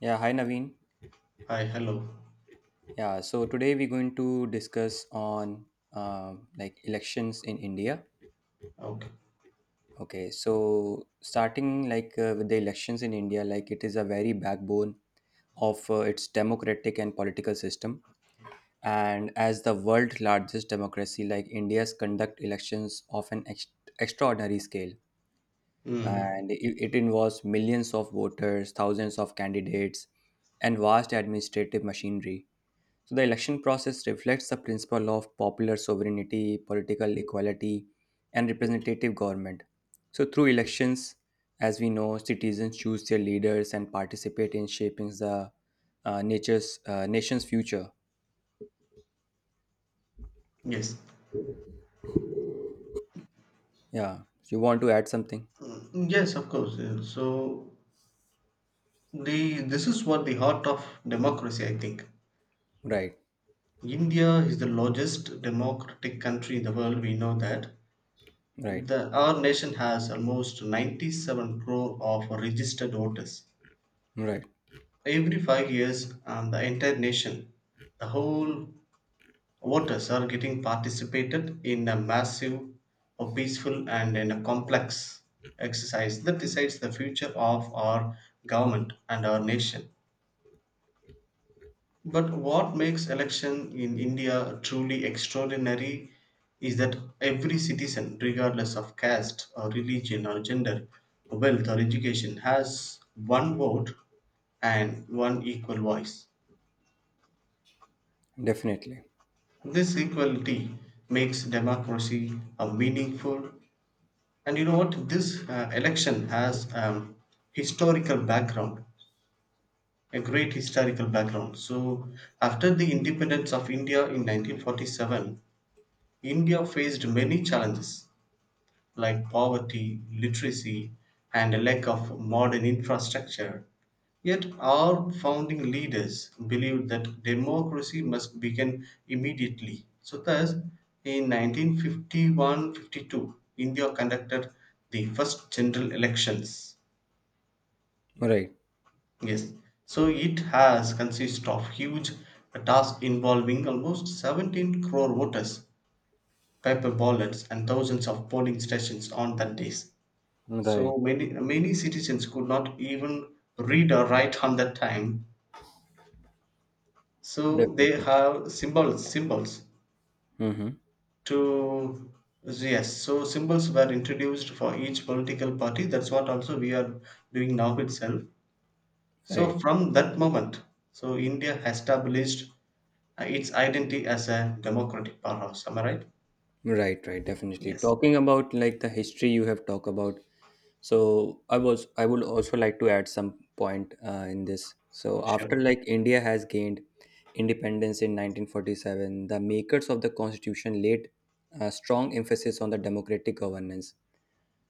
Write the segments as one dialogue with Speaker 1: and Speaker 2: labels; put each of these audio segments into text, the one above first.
Speaker 1: Yeah, hi Naveen.
Speaker 2: Hi, hello.
Speaker 1: Yeah, so today we're going to discuss on like elections in India.
Speaker 2: Okay.
Speaker 1: Okay, so starting with the elections in India, like it is a very backbone of its democratic and political system. And as the world's largest democracy, like India's conduct elections of extraordinary scale,
Speaker 2: Mm,
Speaker 1: and it involves millions of voters, thousands of candidates, and vast administrative machinery. So the election process reflects the principle of popular sovereignty, political equality, and representative government. So through elections, as we know, citizens choose their leaders and participate in shaping the nature's nation's future.
Speaker 2: yes.
Speaker 1: Yeah, you want to add something?
Speaker 2: Mm, yes, of course. So the this is what the heart of democracy, I think.
Speaker 1: Right,
Speaker 2: India is the largest democratic country in the world. We know that.
Speaker 1: right,
Speaker 2: Our nation has almost 97 crore of registered voters.
Speaker 1: right.
Speaker 2: Every 5 years, the entire nation, the whole voters are getting participated in a massive a peaceful and in a complex exercise that decides the future of our government and our nation. But what makes election in india truly extraordinary is that every citizen, regardless of caste or religion or gender, wealth or education, has one vote and one equal voice.
Speaker 1: Definitely.
Speaker 2: This equality makes democracy a meaningful. And you know what? This election has historical background, a great historical background. So, after the independence of India in 1947, India faced many challenges like poverty, literacy, and a lack of modern infrastructure. Yet, our founding leaders believed that democracy must begin immediately. So, thus, in 1951 52, India conducted the first general elections.
Speaker 1: Right,
Speaker 2: Yes, so it has consist of huge task involving almost 17 crore voters, paper ballots, and thousands of polling stations on that day.
Speaker 1: right.
Speaker 2: So many citizens could not even read or write on that time. So they
Speaker 1: Definitely.
Speaker 2: have symbols
Speaker 1: Mm-hmm.
Speaker 2: to yes. So symbols were introduced for each political party. That's what also we are doing now itself. So
Speaker 1: Right,
Speaker 2: from that moment, so India has established its identity as a democratic powerhouse. Am I right?
Speaker 1: right, right. Definitely.
Speaker 2: Yes.
Speaker 1: Talking about like the history you have talked about, so I would also like to add some point in this. So after
Speaker 2: Sure.
Speaker 1: like india has gained independence in 1947, the makers of the constitution laid a strong emphasis on the democratic governance.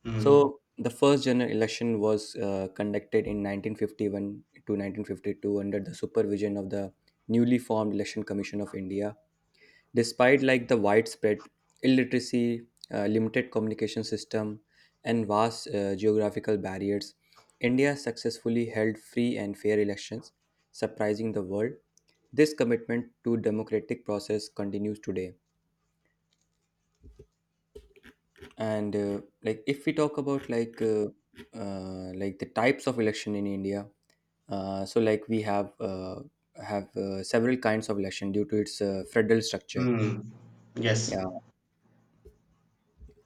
Speaker 2: Mm.
Speaker 1: So the first general election was conducted in 1951 to 1952 under the supervision of the newly formed election commission of india. Despite like the widespread illiteracy, limited communication system, and vast geographical barriers, india successfully held free and fair elections, surprising the world. This commitment to democratic process continues today. And if we talk about the types of election in india, so like we have several kinds of election due to its federal structure.
Speaker 2: Mm. Yes.
Speaker 1: Yeah,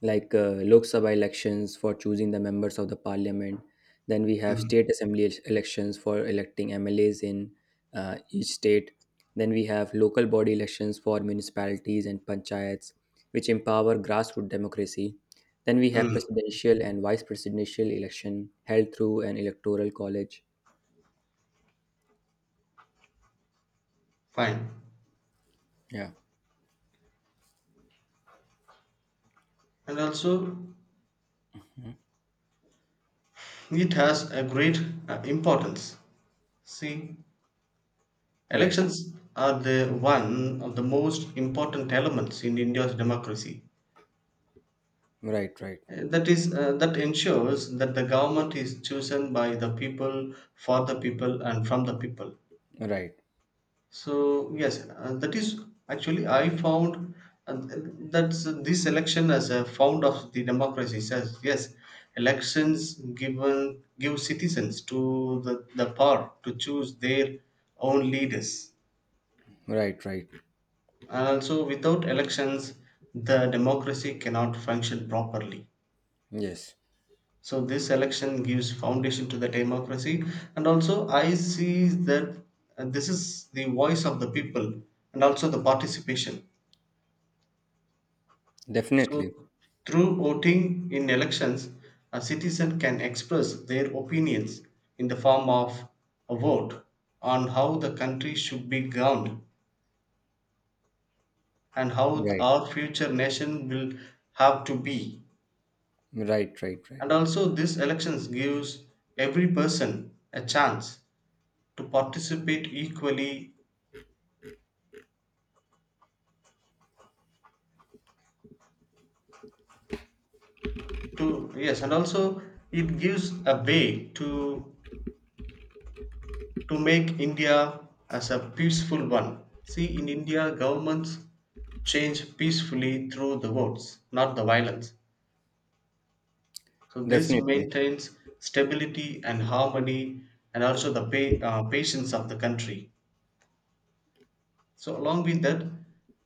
Speaker 1: like Lok Sabha elections for choosing the members of the parliament. Then we have
Speaker 2: Mm.
Speaker 1: state assembly elections for electing MLAs in each state. Then we have local body elections for municipalities and panchayats, which empower grassroots democracy. Then we have
Speaker 2: Mm.
Speaker 1: presidential and vice presidential election held through an electoral college.
Speaker 2: Fine.
Speaker 1: Yeah.
Speaker 2: And also
Speaker 1: Mhm.
Speaker 2: it has a great importance. See,
Speaker 1: Right.
Speaker 2: elections are the one of the most important elements in India's democracy.
Speaker 1: Right. Right.
Speaker 2: That is, that ensures that the government is chosen by the people, for the people, and from the people.
Speaker 1: Right.
Speaker 2: So yes, that is actually I found that this election as a found of the democracy says yes, elections given give citizens to the power to choose their own leaders.
Speaker 1: Right. Right.
Speaker 2: And also without elections, the democracy cannot function properly.
Speaker 1: Yes.
Speaker 2: So this election gives foundation to the democracy, and also I see that this is the voice of the people and also the participation.
Speaker 1: Definitely.
Speaker 2: So, through voting in elections, a citizen can express their opinions in the form of a vote on how the country should be governed and how
Speaker 1: Right.
Speaker 2: our future nation will have to be.
Speaker 1: Right. Right. Right.
Speaker 2: And also, this elections gives every person a chance to participate equally. To yes, and also it gives a way to make India as a peaceful one. See, in India, governments change peacefully through the votes, not the violence. So this
Speaker 1: Definitely.
Speaker 2: maintains stability and harmony, and also the patience of the country. So along with that,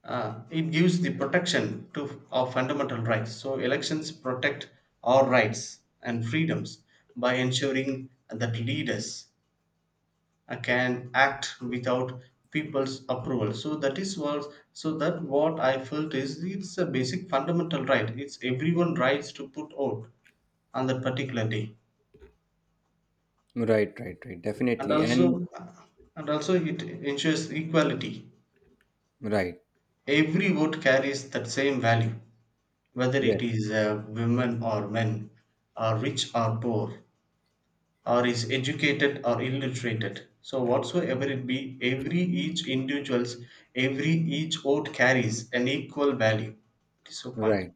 Speaker 2: it gives the protection to our fundamental rights. So elections protect our rights and freedoms by ensuring that leaders can act without people's approval, so that is what. So that what I felt is it's a basic fundamental right, it's everyone rights to put out on that particular day.
Speaker 1: Right, right, right.
Speaker 2: And
Speaker 1: Definitely. And
Speaker 2: also, and also it ensures equality.
Speaker 1: right.
Speaker 2: Every vote carries that same value, whether
Speaker 1: Yes,
Speaker 2: it is women or men, or rich or poor, or is educated or illiterated. So whatsoever it be, every each individuals, every each vote carries an equal value. It's a point.
Speaker 1: right.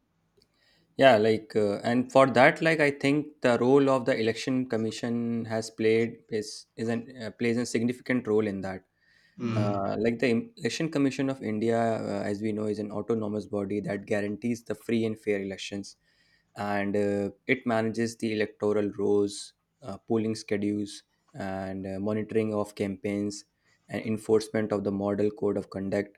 Speaker 1: Yeah, and for that, like, I think the role of the election commission has played is an plays a significant role in that.
Speaker 2: Mm,
Speaker 1: Like the election commission of India, as we know, is an autonomous body that guarantees the free and fair elections, and it manages the electoral rolls, polling schedules, and monitoring of campaigns and enforcement of the model code of conduct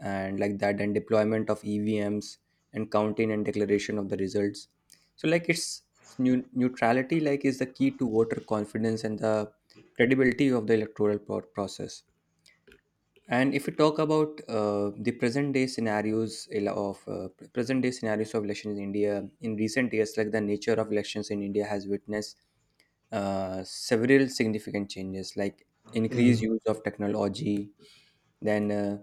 Speaker 1: and like that, and deployment of evms and counting and declaration of the results. So like it's neutrality like is the key to voter confidence and the credibility of the electoral process. And if we talk about the present day scenarios ele- of present day scenarios of elections in india. In recent years, like the nature of elections in india has witnessed several significant changes, like increased
Speaker 2: mm,
Speaker 1: use of technology, then uh,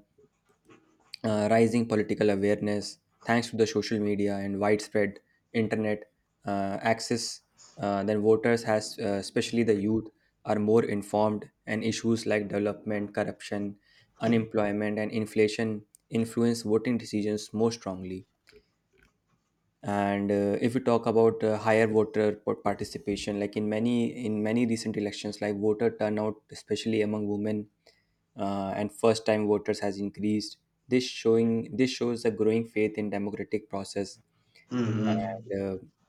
Speaker 1: uh, rising political awareness thanks to the social media and widespread internet access. Then voters has especially the youth are more informed, and issues like development, corruption, unemployment and inflation influence voting decisions more strongly. And if we talk about higher voter participation, like in many recent elections, like voter turnout, especially among women, and first time voters has increased. This shows a growing faith in democratic process.
Speaker 2: mm, mm.
Speaker 1: And uh,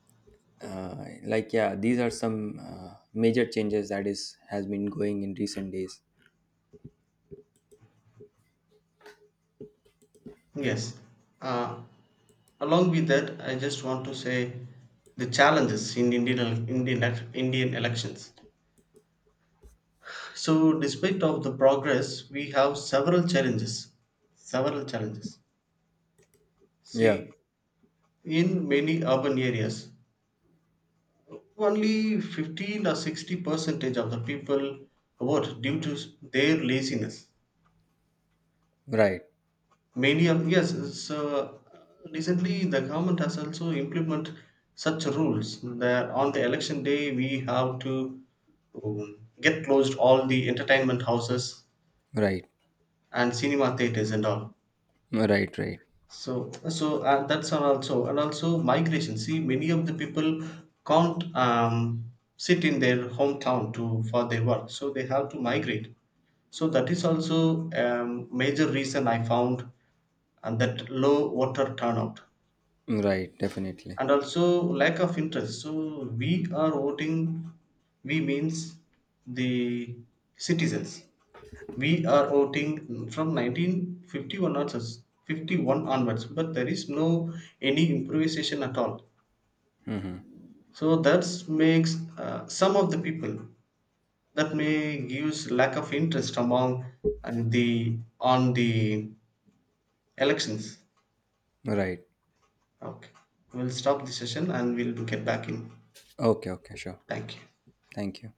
Speaker 1: uh, like yeah, these are some major changes that is has been going in recent days.
Speaker 2: Yes, uh, along with that I just want to say the challenges in indian, indian elections. So despite of the progress we have several challenges, several challenges.
Speaker 1: Yeah,
Speaker 2: See, in many urban areas, only 15 or 60 percentage of the people vote due to their laziness.
Speaker 1: right,
Speaker 2: Many of yes, so recently the government has also implement such rules that on the election day we have to get closed all the entertainment houses
Speaker 1: right,
Speaker 2: and cinema theaters and all.
Speaker 1: right, right,
Speaker 2: So, so that's all also, and also migration. See, many of the people can't sit in their hometown to for their work, so they have to migrate. So that is also a major reason I found, and that low voter turnout,
Speaker 1: right, definitely.
Speaker 2: and also lack of interest. So we are voting, we means the citizens, we are voting from 1951 onwards, 51 onwards, but there is no any improvisation at all.
Speaker 1: Hmm.
Speaker 2: So that makes some of the people, that may gives lack of interest among, and the on the elections.
Speaker 1: Right.
Speaker 2: Okay. We'll stop the session and we'll get back in.
Speaker 1: Okay, okay, sure.
Speaker 2: Thank you.
Speaker 1: Thank you.